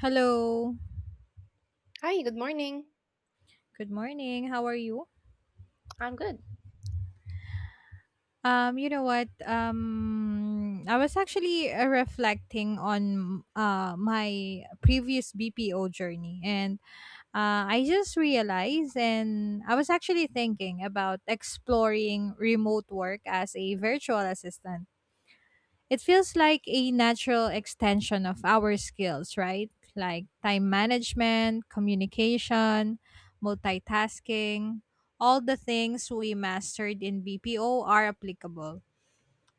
Hello. Hi, good morning. Good morning. How are you? I'm good. You know what? I was actually reflecting on my previous BPO journey, and I just realized, and I was actually thinking about exploring remote work as a virtual assistant. It feels like a natural extension of our skills, right? Like time management, communication, multitasking, all the things we mastered in BPO are applicable.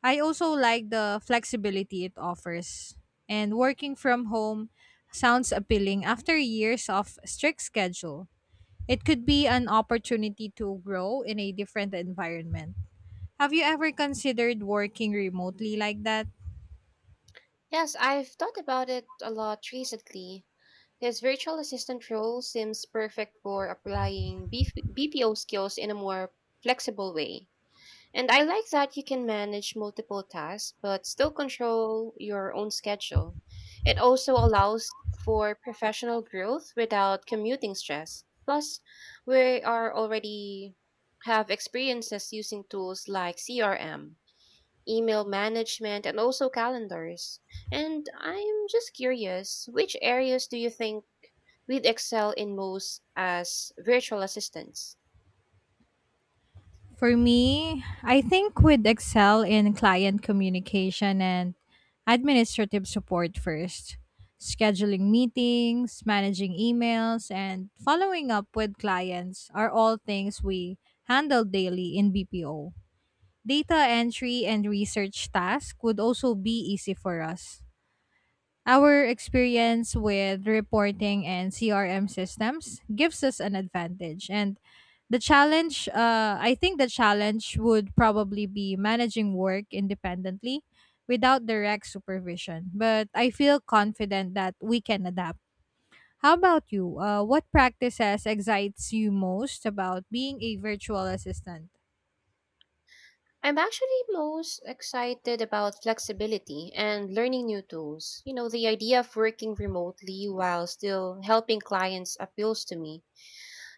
I also like the flexibility it offers. And working from home sounds appealing after years of strict schedule. It could be an opportunity to grow in a different environment. Have you ever considered working remotely like that? Yes, I've thought about it a lot recently. This virtual assistant role seems perfect for applying BPO skills in a more flexible way. And I like that you can manage multiple tasks but still control your own schedule. It also allows for professional growth without commuting stress. Plus, we are already have experiences using tools like CRM, email management, and also calendars. And I'm just curious, which areas do you think we'd excel in most as virtual assistants? For me, I think we'd excel in client communication and administrative support first. Scheduling meetings, managing emails, and following up with clients are all things we handle daily in BPO. Data entry and research tasks would also be easy for us. Our experience with reporting and CRM systems gives us an advantage. And the challenge, I think the challenge would probably be managing work independently without direct supervision. But I feel confident that we can adapt. How about you? What practices excites you most about being a virtual assistant? I'm actually most excited about flexibility and learning new tools. You know, the idea of working remotely while still helping clients appeals to me.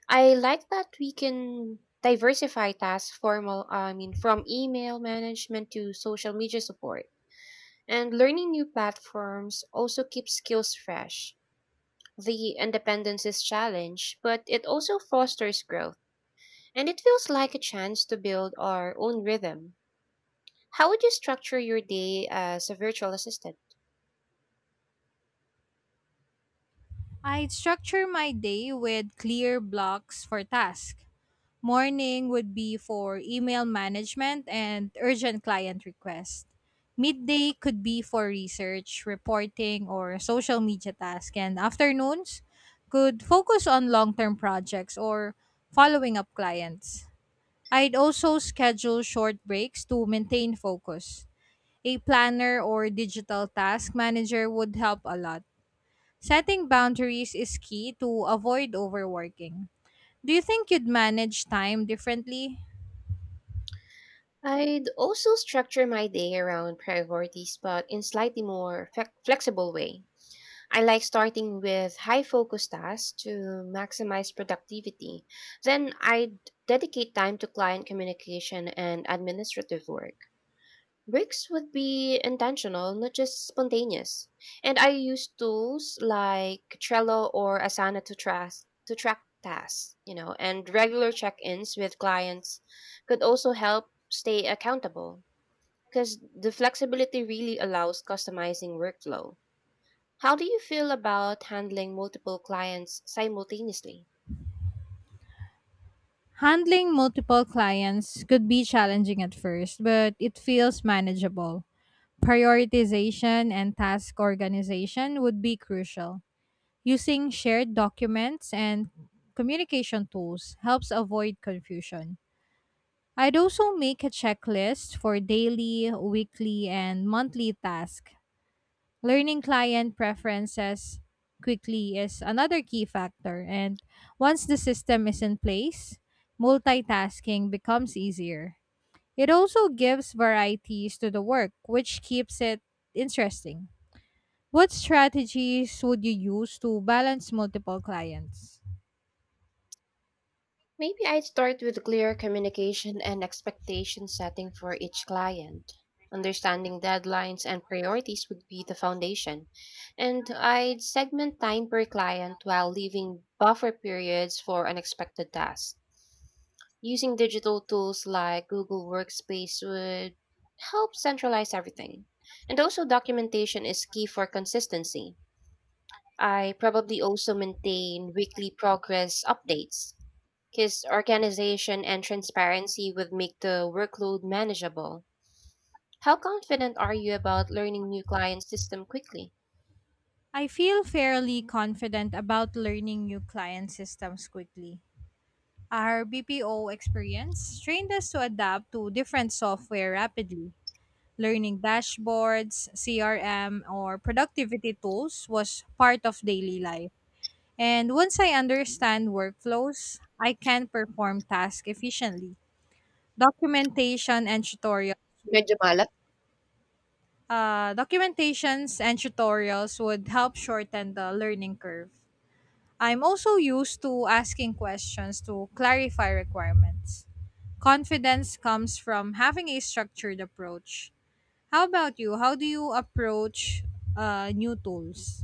I like that we can diversify tasks formal I mean from email management to social media support. And learning new platforms also keeps skills fresh. The independence is challenge, but it also fosters growth, and it feels like a chance to build our own rhythm. How would you structure your day as a virtual assistant? I structure my day with clear blocks for tasks. Morning would be for email management and urgent client requests. Midday could be for research, reporting, or social media tasks. And afternoons could focus on long term projects or following up clients. I'd also schedule short breaks to maintain focus. A planner or digital task manager would help a lot. Setting boundaries is key to avoid overworking. Do you think you'd manage time differently? I'd also structure my day around priorities, but in slightly more flexible way. I like starting with high focus tasks to maximize productivity. Then I dedicate time to client communication and administrative work. Breaks would be intentional, not just spontaneous. And I use tools like Trello or Asana to track tasks, you know, and regular check-ins with clients could also help stay accountable because the flexibility really allows customizing workflow. How do you feel about handling multiple clients simultaneously? Handling multiple clients could be challenging at first, but it feels manageable. Prioritization and task organization would be crucial. Using shared documents and communication tools helps avoid confusion. I'd also make a checklist for daily, weekly, and monthly tasks. Learning client preferences quickly is another key factor. And once the system is in place, multitasking becomes easier. It also gives varieties to the work, which keeps it interesting. What strategies would you use to balance multiple clients? Maybe I'd start with clear communication and expectation setting for each client. Understanding deadlines and priorities would be the foundation. And I'd segment time per client while leaving buffer periods for unexpected tasks. Using digital tools like Google Workspace would help centralize everything. And also, documentation is key for consistency. I probably also maintain weekly progress updates because organization and transparency would make the workload manageable. How confident are you about learning new client system quickly? I feel fairly confident about learning new client systems quickly. Our BPO experience trained us to adapt to different software rapidly. Learning dashboards, CRM, or productivity tools was part of daily life. And once I understand workflows, I can perform tasks efficiently. Documentation and tutorial Medyo malas. Documentations and tutorials would help shorten the learning curve. I'm also used to asking questions to clarify requirements. Confidence comes from having a structured approach. How about you? How do you approach new tools?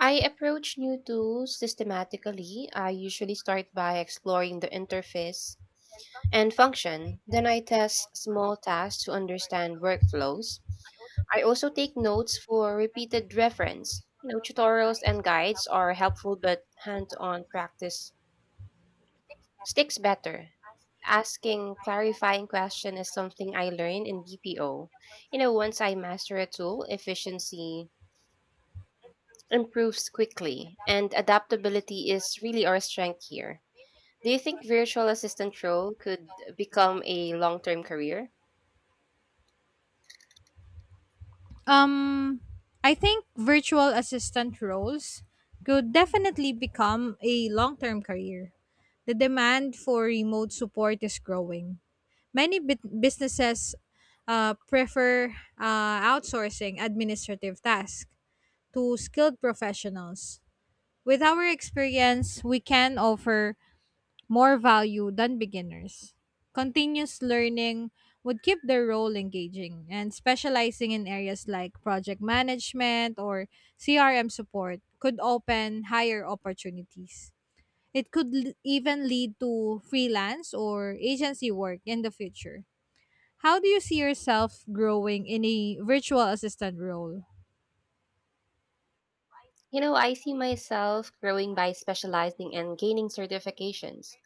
I approach new tools systematically. I usually start by exploring the interface and function. Then I test small tasks to understand workflows. I also take notes for repeated reference. You know, tutorials and guides are helpful, but hands-on practice sticks better. Asking clarifying question is something I learned in BPO. You know, once I master a tool, efficiency improves quickly, and adaptability is really our strength here. Do you think virtual assistant role could become a long-term career? um I think virtual assistant roles could definitely become a long-term career. The demand for remote support is growing. Many businesses prefer outsourcing administrative tasks to skilled professionals. With our experience, we can offer more value than beginners. Continuous learning would keep their role engaging and specializing in areas like project management or CRM support could open higher opportunities. It could even lead to freelance or agency work in the future. How do you see yourself growing in a virtual assistant role? You know, I see myself growing by specializing and gaining certifications,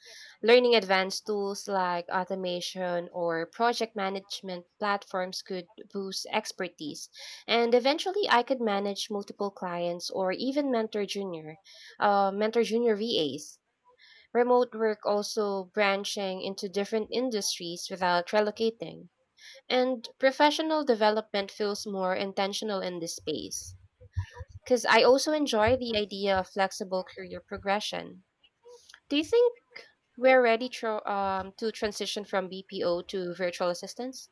learning advanced tools like automation or project management platforms could boost expertise, and eventually I could manage multiple clients or even mentor junior VAs. Remote work also branching into different industries without relocating. And professional development feels more intentional in this space. Because I also enjoy the idea of flexible career progression. Do you think we're ready to transition from BPO to virtual assistants?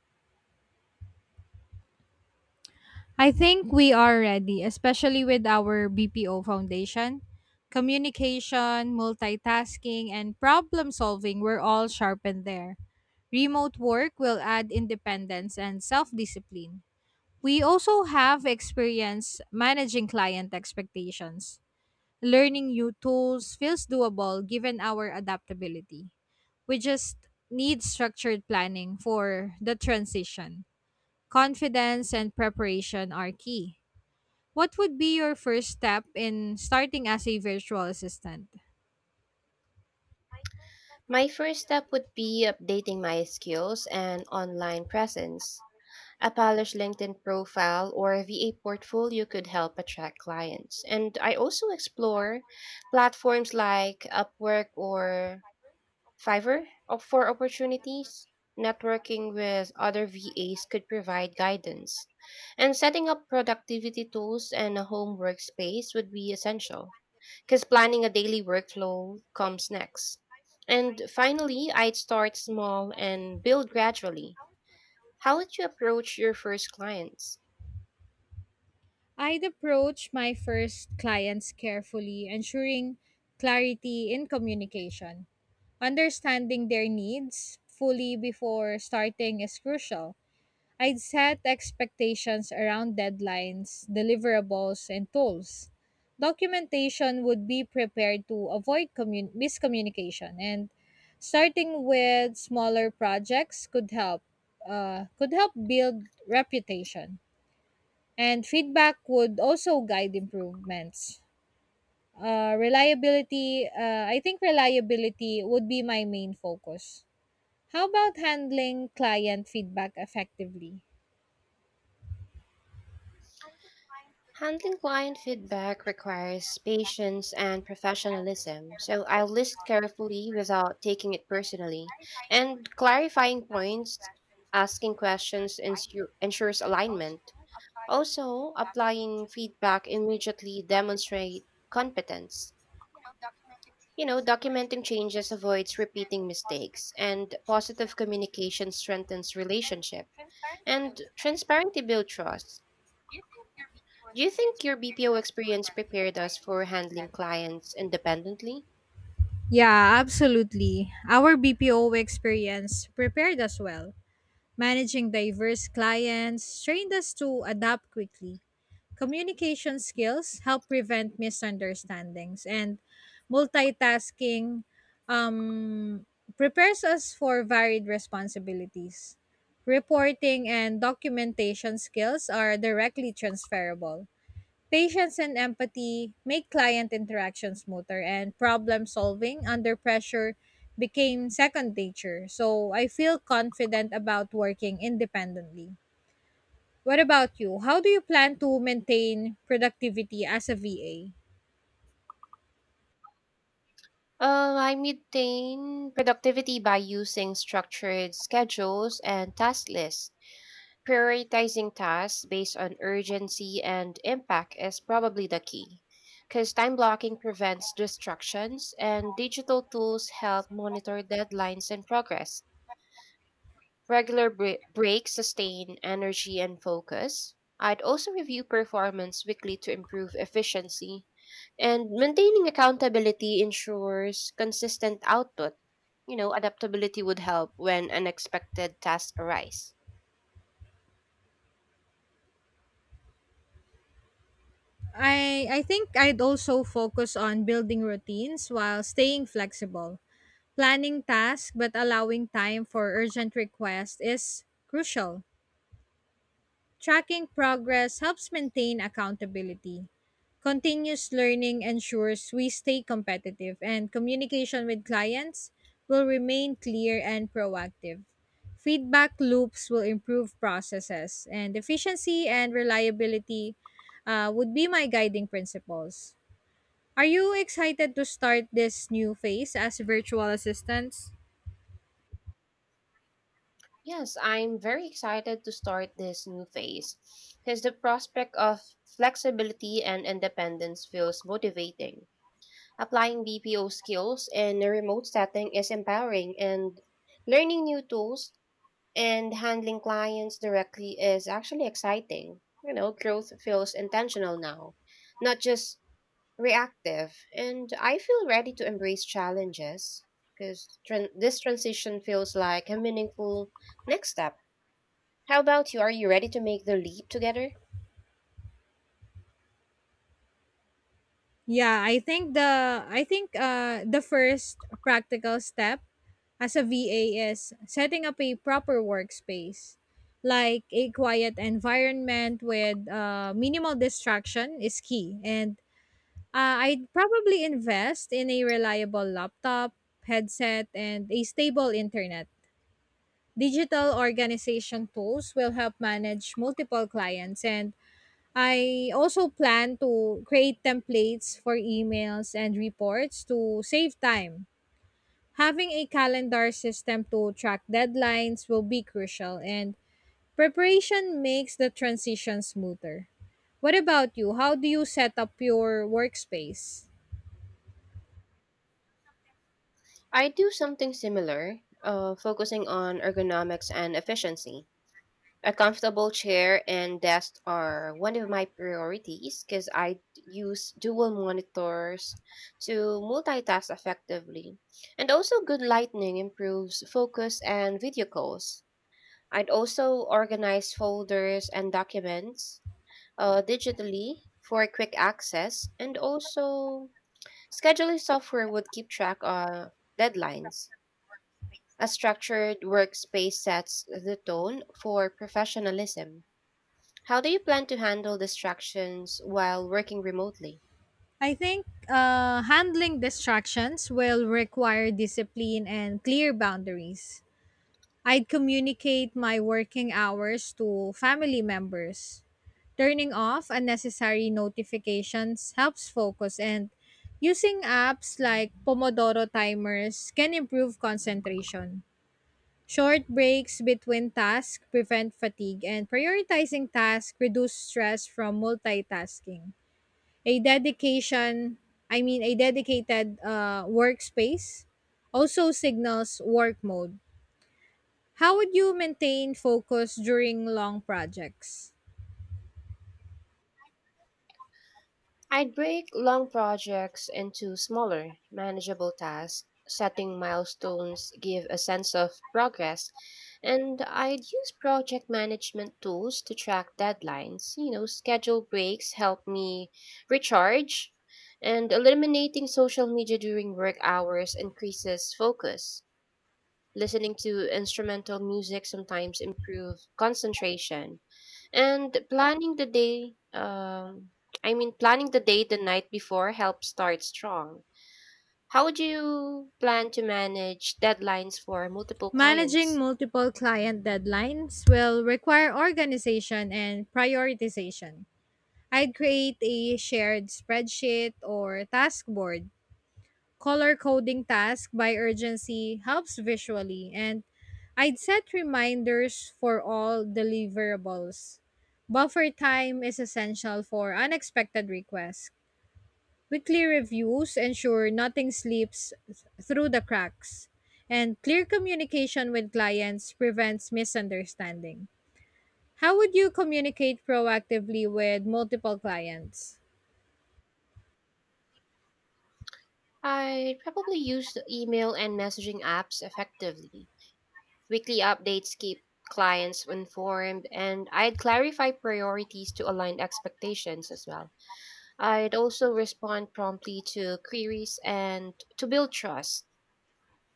I think we are ready, especially with our BPO foundation. Communication, multitasking, and problem solving were all sharpened there. Remote work will add independence and self discipline. We also have experience managing client expectations. Learning new tools feels doable given our adaptability. We just need structured planning for the transition. Confidence and preparation are key. What would be your first step in starting as a virtual assistant? My first step would be updating my skills and online presence. A polished LinkedIn profile or VA portfolio could help attract clients. And I also explore platforms like Upwork or for opportunities. Networking with other VAs could provide guidance. And setting up productivity tools and a home workspace would be essential because planning a daily workflow comes next. And finally, I'd start small and build gradually. How would you approach your first clients? I'd approach my first clients carefully, ensuring clarity in communication. Understanding their needs fully before starting is crucial. I'd set expectations around deadlines, deliverables, and tools. Documentation would be prepared to avoid miscommunication, and starting with smaller projects could help. Could help build reputation, and feedback would also guide improvements. I think reliability would be my main focus. How about handling client feedback effectively? Handling client feedback requires patience and professionalism, so I listen carefully without taking it personally. And clarifying points, asking questions ensures alignment. Also, applying feedback immediately demonstrate competence. You know, documenting changes avoids repeating mistakes, and positive communication strengthens relationship. And transparency builds trust. Do you think your BPO experience prepared us for handling clients independently? Yeah, absolutely. Our BPO experience prepared us well. Managing diverse clients trained us to adapt quickly. Communication skills help prevent misunderstandings, and multitasking um, prepares us for varied responsibilities. Reporting and documentation skills are directly transferable. Patience and empathy make client interaction smoother, and problem solving under pressure became second nature. So I feel confident about working independently. What about you? How do you plan to maintain productivity as a VA? I maintain productivity by using structured schedules and task lists. Prioritizing tasks based on urgency and impact is probably the key, because time blocking prevents distractions, and digital tools help monitor deadlines and progress. Breaks sustain energy and focus. I'd also review performance weekly to improve efficiency. And maintaining accountability ensures consistent output. You know, adaptability would help when unexpected tasks arise. I think I'd also focus on building routines while staying flexible. Planning tasks but allowing time for urgent requests is crucial. Tracking progress helps maintain accountability. Continuous learning ensures we stay competitive, and communication with clients will remain clear and proactive. Feedback loops will improve processes, and efficiency and reliability would be my guiding principles. Are you excited to start this new phase as virtual assistants? Yes, I'm very excited to start this new phase because the prospect of flexibility and independence feels motivating. Applying BPO skills in a remote setting is empowering, and learning new tools and handling clients directly is actually exciting. You know, growth feels intentional now, not just reactive. And I feel ready to embrace challenges because tran this transition feels like a meaningful next step. How about you? Are you ready to make the leap together? Yeah, I think the first practical step as a VA is setting up a proper workspace. Like a quiet environment with minimal distraction is key. And I'd probably invest in a reliable laptop, headset, and a stable internet. Digital organization tools will help manage multiple clients and I also plan to create templates for emails and reports to save time. Having a calendar system to track deadlines will be crucial, and preparation makes the transition smoother. What about you? How do you set up your workspace? I do something similar, focusing on ergonomics and efficiency. A comfortable chair and desk are one of my priorities because use dual monitors to multitask effectively. And also, good lighting improves focus and video calls. I'd also organize folders and documents digitally for quick access, and also, scheduling software would keep track of deadlines. A structured workspace sets the tone for professionalism. How do you plan to handle distractions while working remotely? I think handling distractions will require discipline and clear boundaries. I'd communicate my working hours to family members. Turning off unnecessary notifications helps focus, and using apps like Pomodoro timers can improve concentration. Short breaks between tasks prevent fatigue, and prioritizing tasks reduce stress from multitasking. A dedication, I mean, a dedicated workspace also signals work mode. How would you maintain focus during long projects? I'd break long projects into smaller, manageable tasks. Setting milestones give a sense of progress, and I'd use project management tools to track deadlines. You know, schedule breaks help me recharge, and eliminating social media during work hours increases focus. Listening to instrumental music sometimes improves concentration. And planning the day the night before helps start strong. How would you plan to manage deadlines for multiple Managing clients? multiple client deadlines will require organization and prioritization. I'd create a shared spreadsheet or task board. Color coding tasks by urgency helps visually, and I'd set reminders for all deliverables. Buffer time is essential for unexpected requests. Weekly reviews ensure nothing slips through the cracks, and clear communication with clients prevents misunderstanding. How would you communicate proactively with multiple clients? I probably use the email and messaging apps effectively. Weekly updates keep clients informed, and I'd clarify priorities to align expectations as well. I'd also respond promptly to queries and to build trust,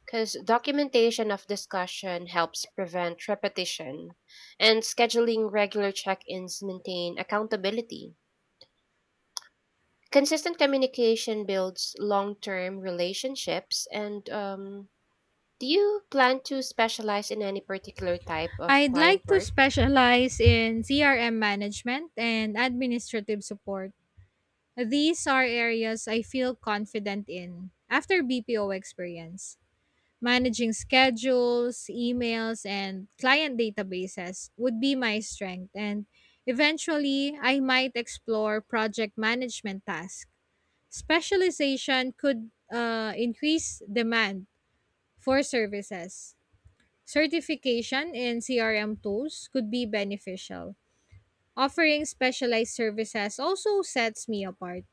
because documentation of discussion helps prevent repetition, and scheduling regular check ins maintain accountability. Consistent communication builds long term relationships. And Do you plan to specialize in any particular type of I'd client like to work? specialize in CRM management and administrative support. These are areas I feel confident in after BPO experience. Managing schedules, emails, and client databases would be my strength, and eventually, I might explore project management tasks. Specialization could increase demand for services. Certification in CRM tools could be beneficial. Offering specialized services also sets me apart.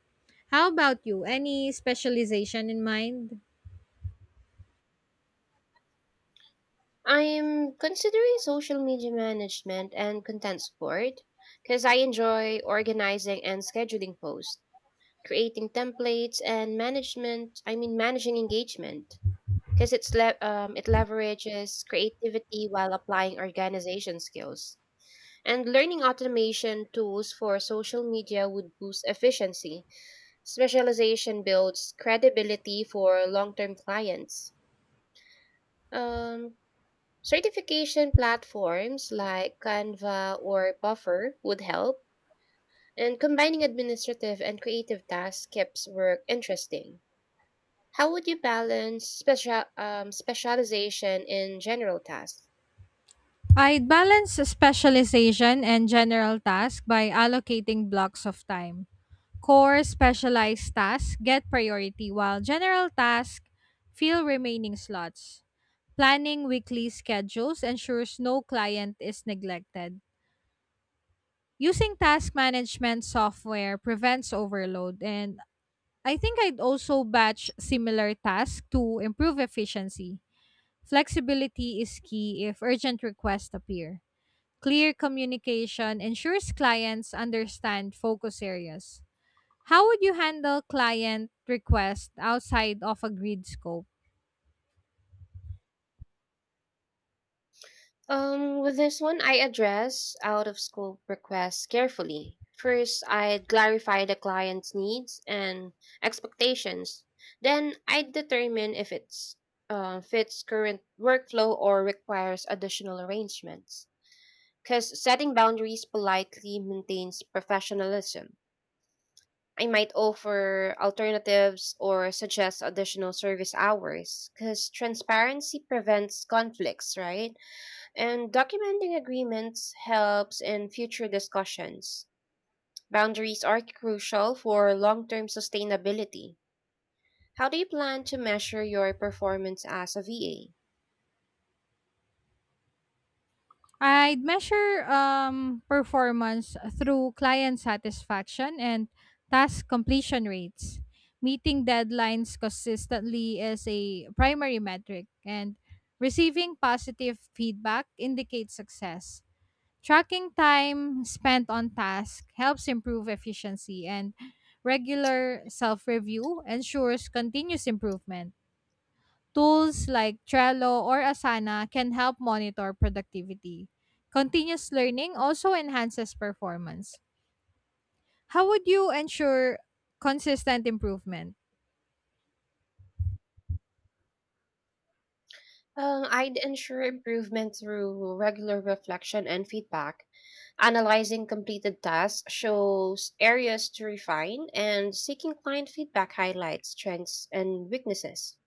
How about you? Any specialization in mind? I'm considering social media management and content support because I enjoy organizing and scheduling posts, creating templates, and managing engagement, because it leverages creativity while applying organization skills. And learning automation tools for social media would boost efficiency. Specialization builds credibility for long-term clients. Um, Certification platforms like Canva or Buffer would help. And combining administrative and creative tasks keeps work interesting. How would you balance specialization in general tasks? I'd balance specialization and general task by allocating blocks of time. Core specialized tasks get priority while general tasks fill remaining slots. Planning weekly schedules ensures no client is neglected. Using task management software prevents overload and I think I'd also batch similar tasks to improve efficiency. Flexibility is key if urgent requests appear. Clear communication ensures clients understand focus areas. How would you handle client requests outside of agreed scope? With this one, I address out of scope requests carefully. First, I'd clarify the client's needs and expectations. Then, I'd determine if it's fits current workflow or requires additional arrangements. Because setting boundaries politely maintains professionalism. I might offer alternatives or suggest additional service hours because transparency prevents conflicts, right? And documenting agreements helps in future discussions. Boundaries are crucial for long term sustainability. How do you plan to measure your performance as a VA? I'd measure performance through client satisfaction and task completion rates. Meeting deadlines consistently is a primary metric, and receiving positive feedback indicates success. Tracking time spent on task helps improve efficiency and regular self-review ensures continuous improvement. Tools like Trello or Asana can help monitor productivity. Continuous learning also enhances performance. How would you ensure consistent improvement? I'd ensure improvement through regular reflection and feedback. Analyzing completed tasks shows areas to refine, and seeking client feedback highlights strengths and weaknesses.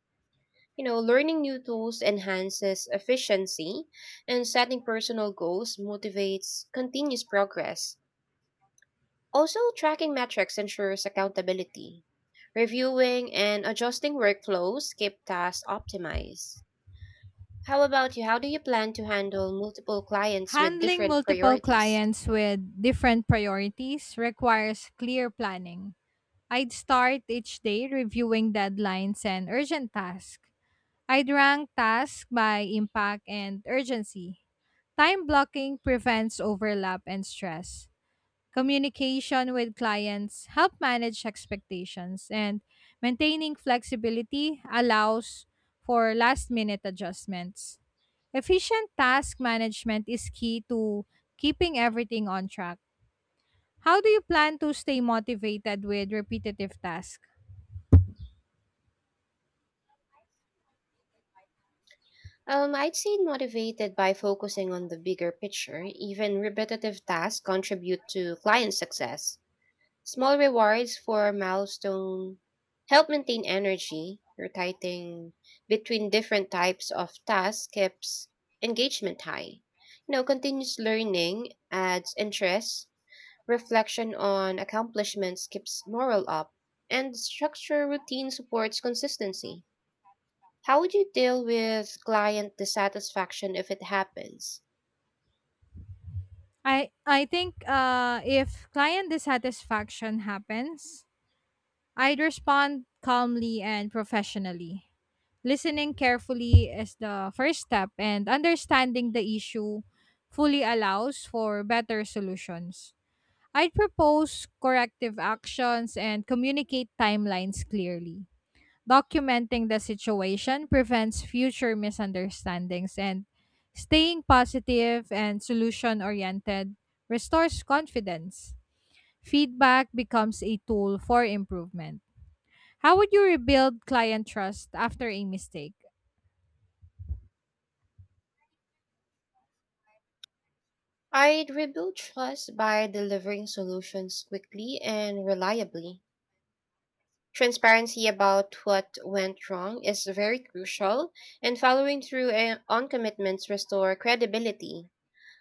You know, learning new tools enhances efficiency, and setting personal goals motivates continuous progress. Also, tracking metrics ensures accountability. Reviewing and adjusting workflows keep tasks optimized. How about you? How do you plan to handle multiple clients with Handling different multiple priorities? clients with different priorities requires clear planning. I'd start each day reviewing deadlines and urgent tasks. I rank tasks by impact and urgency. Time blocking prevents overlap and stress. Communication with clients help manage expectations and maintaining flexibility allows for last minute adjustments. Efficient task management is key to keeping everything on track. How do you plan to stay motivated with repetitive tasks? I'd say motivated by focusing on the bigger picture. Even repetitive tasks contribute to client success. Small rewards for milestone help maintain energy. Rotating between different types of tasks keeps engagement high. You know, continuous learning adds interest. Reflection on accomplishments keeps morale up, and structure routine supports consistency. How would you deal with client dissatisfaction if it happens? I think if client dissatisfaction happens, I'd respond calmly and professionally. Listening carefully is the first step, and understanding the issue fully allows for better solutions. I'd propose corrective actions and communicate timelines clearly. Documenting the situation prevents future misunderstandings, and staying positive and solution oriented restores confidence. Feedback becomes a tool for improvement. How would you rebuild client trust after a mistake? I'd rebuild trust by delivering solutions quickly and reliably. Transparency about what went wrong is very crucial, and following through on commitments restore credibility.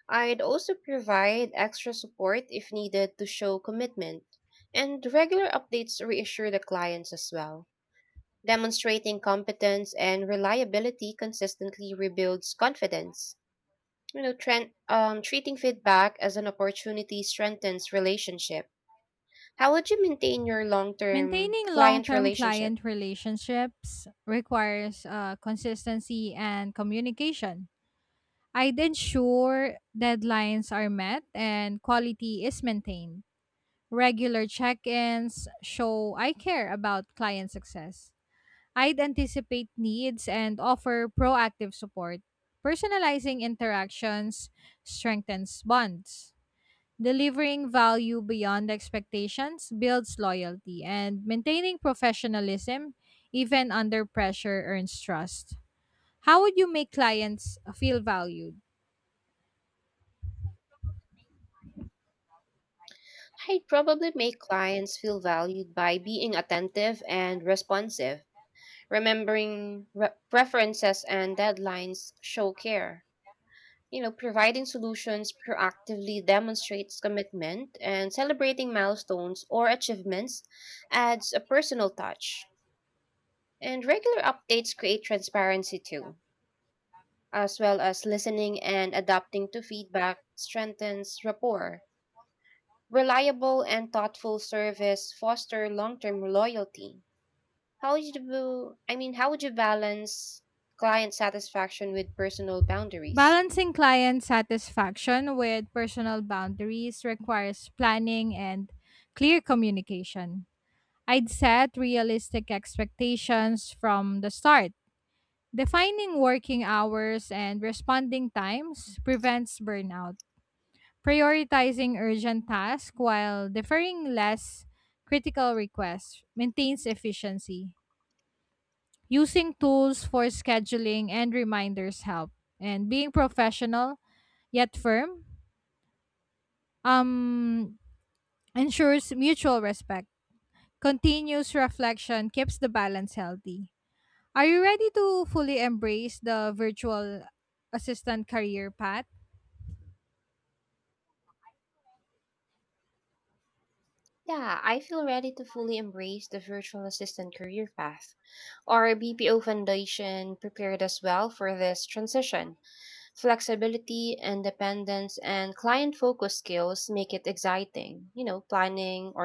I'd also provide extra support if needed to show commitment, and regular updates reassure the clients as well. Demonstrating competence and reliability consistently rebuilds confidence. You know, treating feedback as an opportunity strengthens relationship. How would you maintain your long-term Maintaining long client term relationship? client relationships requires consistency and communication. I'd ensure deadlines are met and quality is maintained. Regular check ins show I care about client success. I'd anticipate needs and offer proactive support. Personalizing interactions strengthens bonds. Delivering value beyond expectations builds loyalty, and maintaining professionalism, even under pressure, earns trust. How would you make clients feel valued? Personal I'd probably make clients feel valued by being attentive and responsive. Remembering preferences and deadlines show care. You know, providing solutions proactively demonstrates commitment, and touch. celebrating milestones or achievements adds a personal Updates touch. And regular updates create transparency too, as well as listening and adapting to feedback strengthens rapport. Reliable and thoughtful service foster long-term loyalty. How would you balance client satisfaction with personal boundaries? balancing client satisfaction with personal boundaries requires planning and clear communication. I'd set realistic expectations from the start. Defining working hours and responding times prevents burnout. Prioritizing urgent tasks while deferring less critical requests maintains efficiency. Using tools for scheduling and reminders help. And being professional yet firm um, ensures mutual respect. Continuous reflection keeps the balance healthy. Are you ready to fully embrace the virtual assistant career path? Yeah, I feel ready to fully Bilingual embrace the virtual conventional assistant career is well path. practiced in Our profession, BPO Foundation flexibility prepared us and well for this dependence, and transition. mindful procedures make it Flexibility, inviting, independence, and inviting client focused organizational and skills make interpersonal it exciting. You cultures effects. know, And the team's learning growth planning, will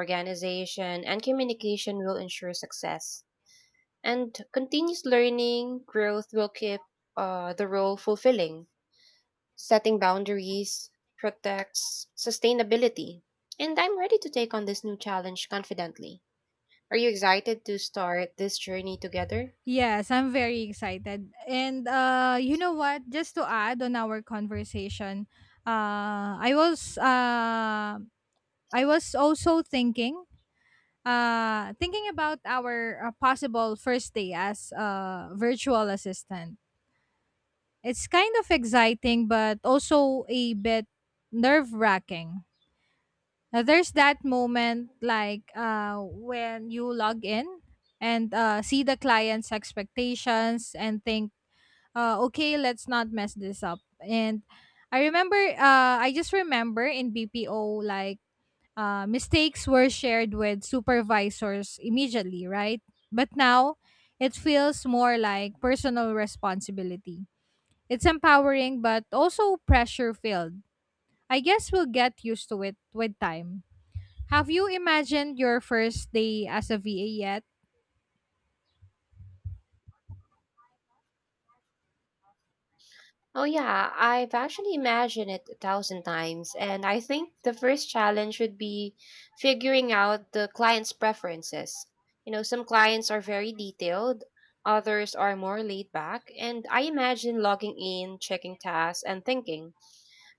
give and people a goal communication will ensure success. of thing that And the culture continuous is learning, growth will keep the role fulfilling. preferences within the team. Setting And the boundaries good thing is the protects knowledge content, sustainability. And the I'm ready invited to take on person this are new challenge inspiring. confidently. Are you excited to start this journey together? Yes, I'm very excited. And you know what, just to add on our conversation, uh I was uh I was also thinking thinking about our possible first day as a virtual assistant. It's kind of exciting but also a bit nerve-wracking. There's that moment like when you log in and see the client's expectations and think okay, let's not mess this up. And I just remember in BPO, like, mistakes were shared with supervisors immediately, right? But now it feels more like personal responsibility. It's empowering, but also pressure filled. I guess we'll get used to it with time. Have you imagined your first day as a VA yet? Oh, yeah, I've actually imagined it 1,000 times, and I think the first challenge would be figuring out the client's preferences. You know, some clients are very detailed, others are more laid back, and I imagine logging in, checking tasks, and thinking,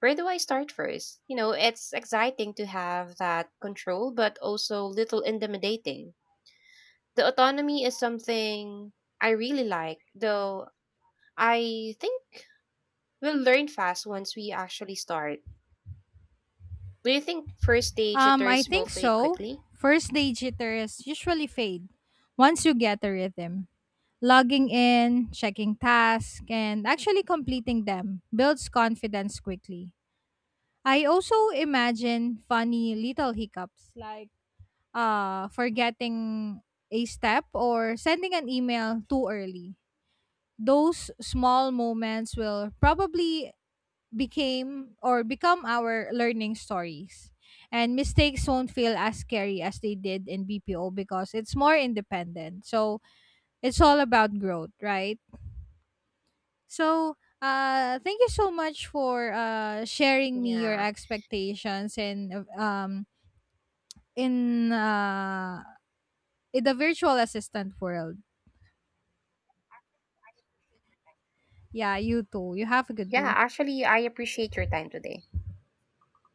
where do I start first? You know, it's exciting to have that control, but also little intimidating. The autonomy is something I really like, though I think we'll learn fast once we actually start. Do you think first day I tutors will think fade so. quickly? First day jitters usually fade once you get a rhythm. Logging in, checking tasks, and actually completing them builds confidence quickly. I also imagine funny little hiccups like forgetting a step or sending an email too early. Those small moments will probably became or become our learning stories. And mistakes won't feel as scary as they did in BPO because it's more independent. So it's all about growth, right? So thank you so much for sharing me your Yeah. expectations and in uh, in the virtual assistant world. Yeah, you too. You have a good Yeah, day. actually, I appreciate your time today.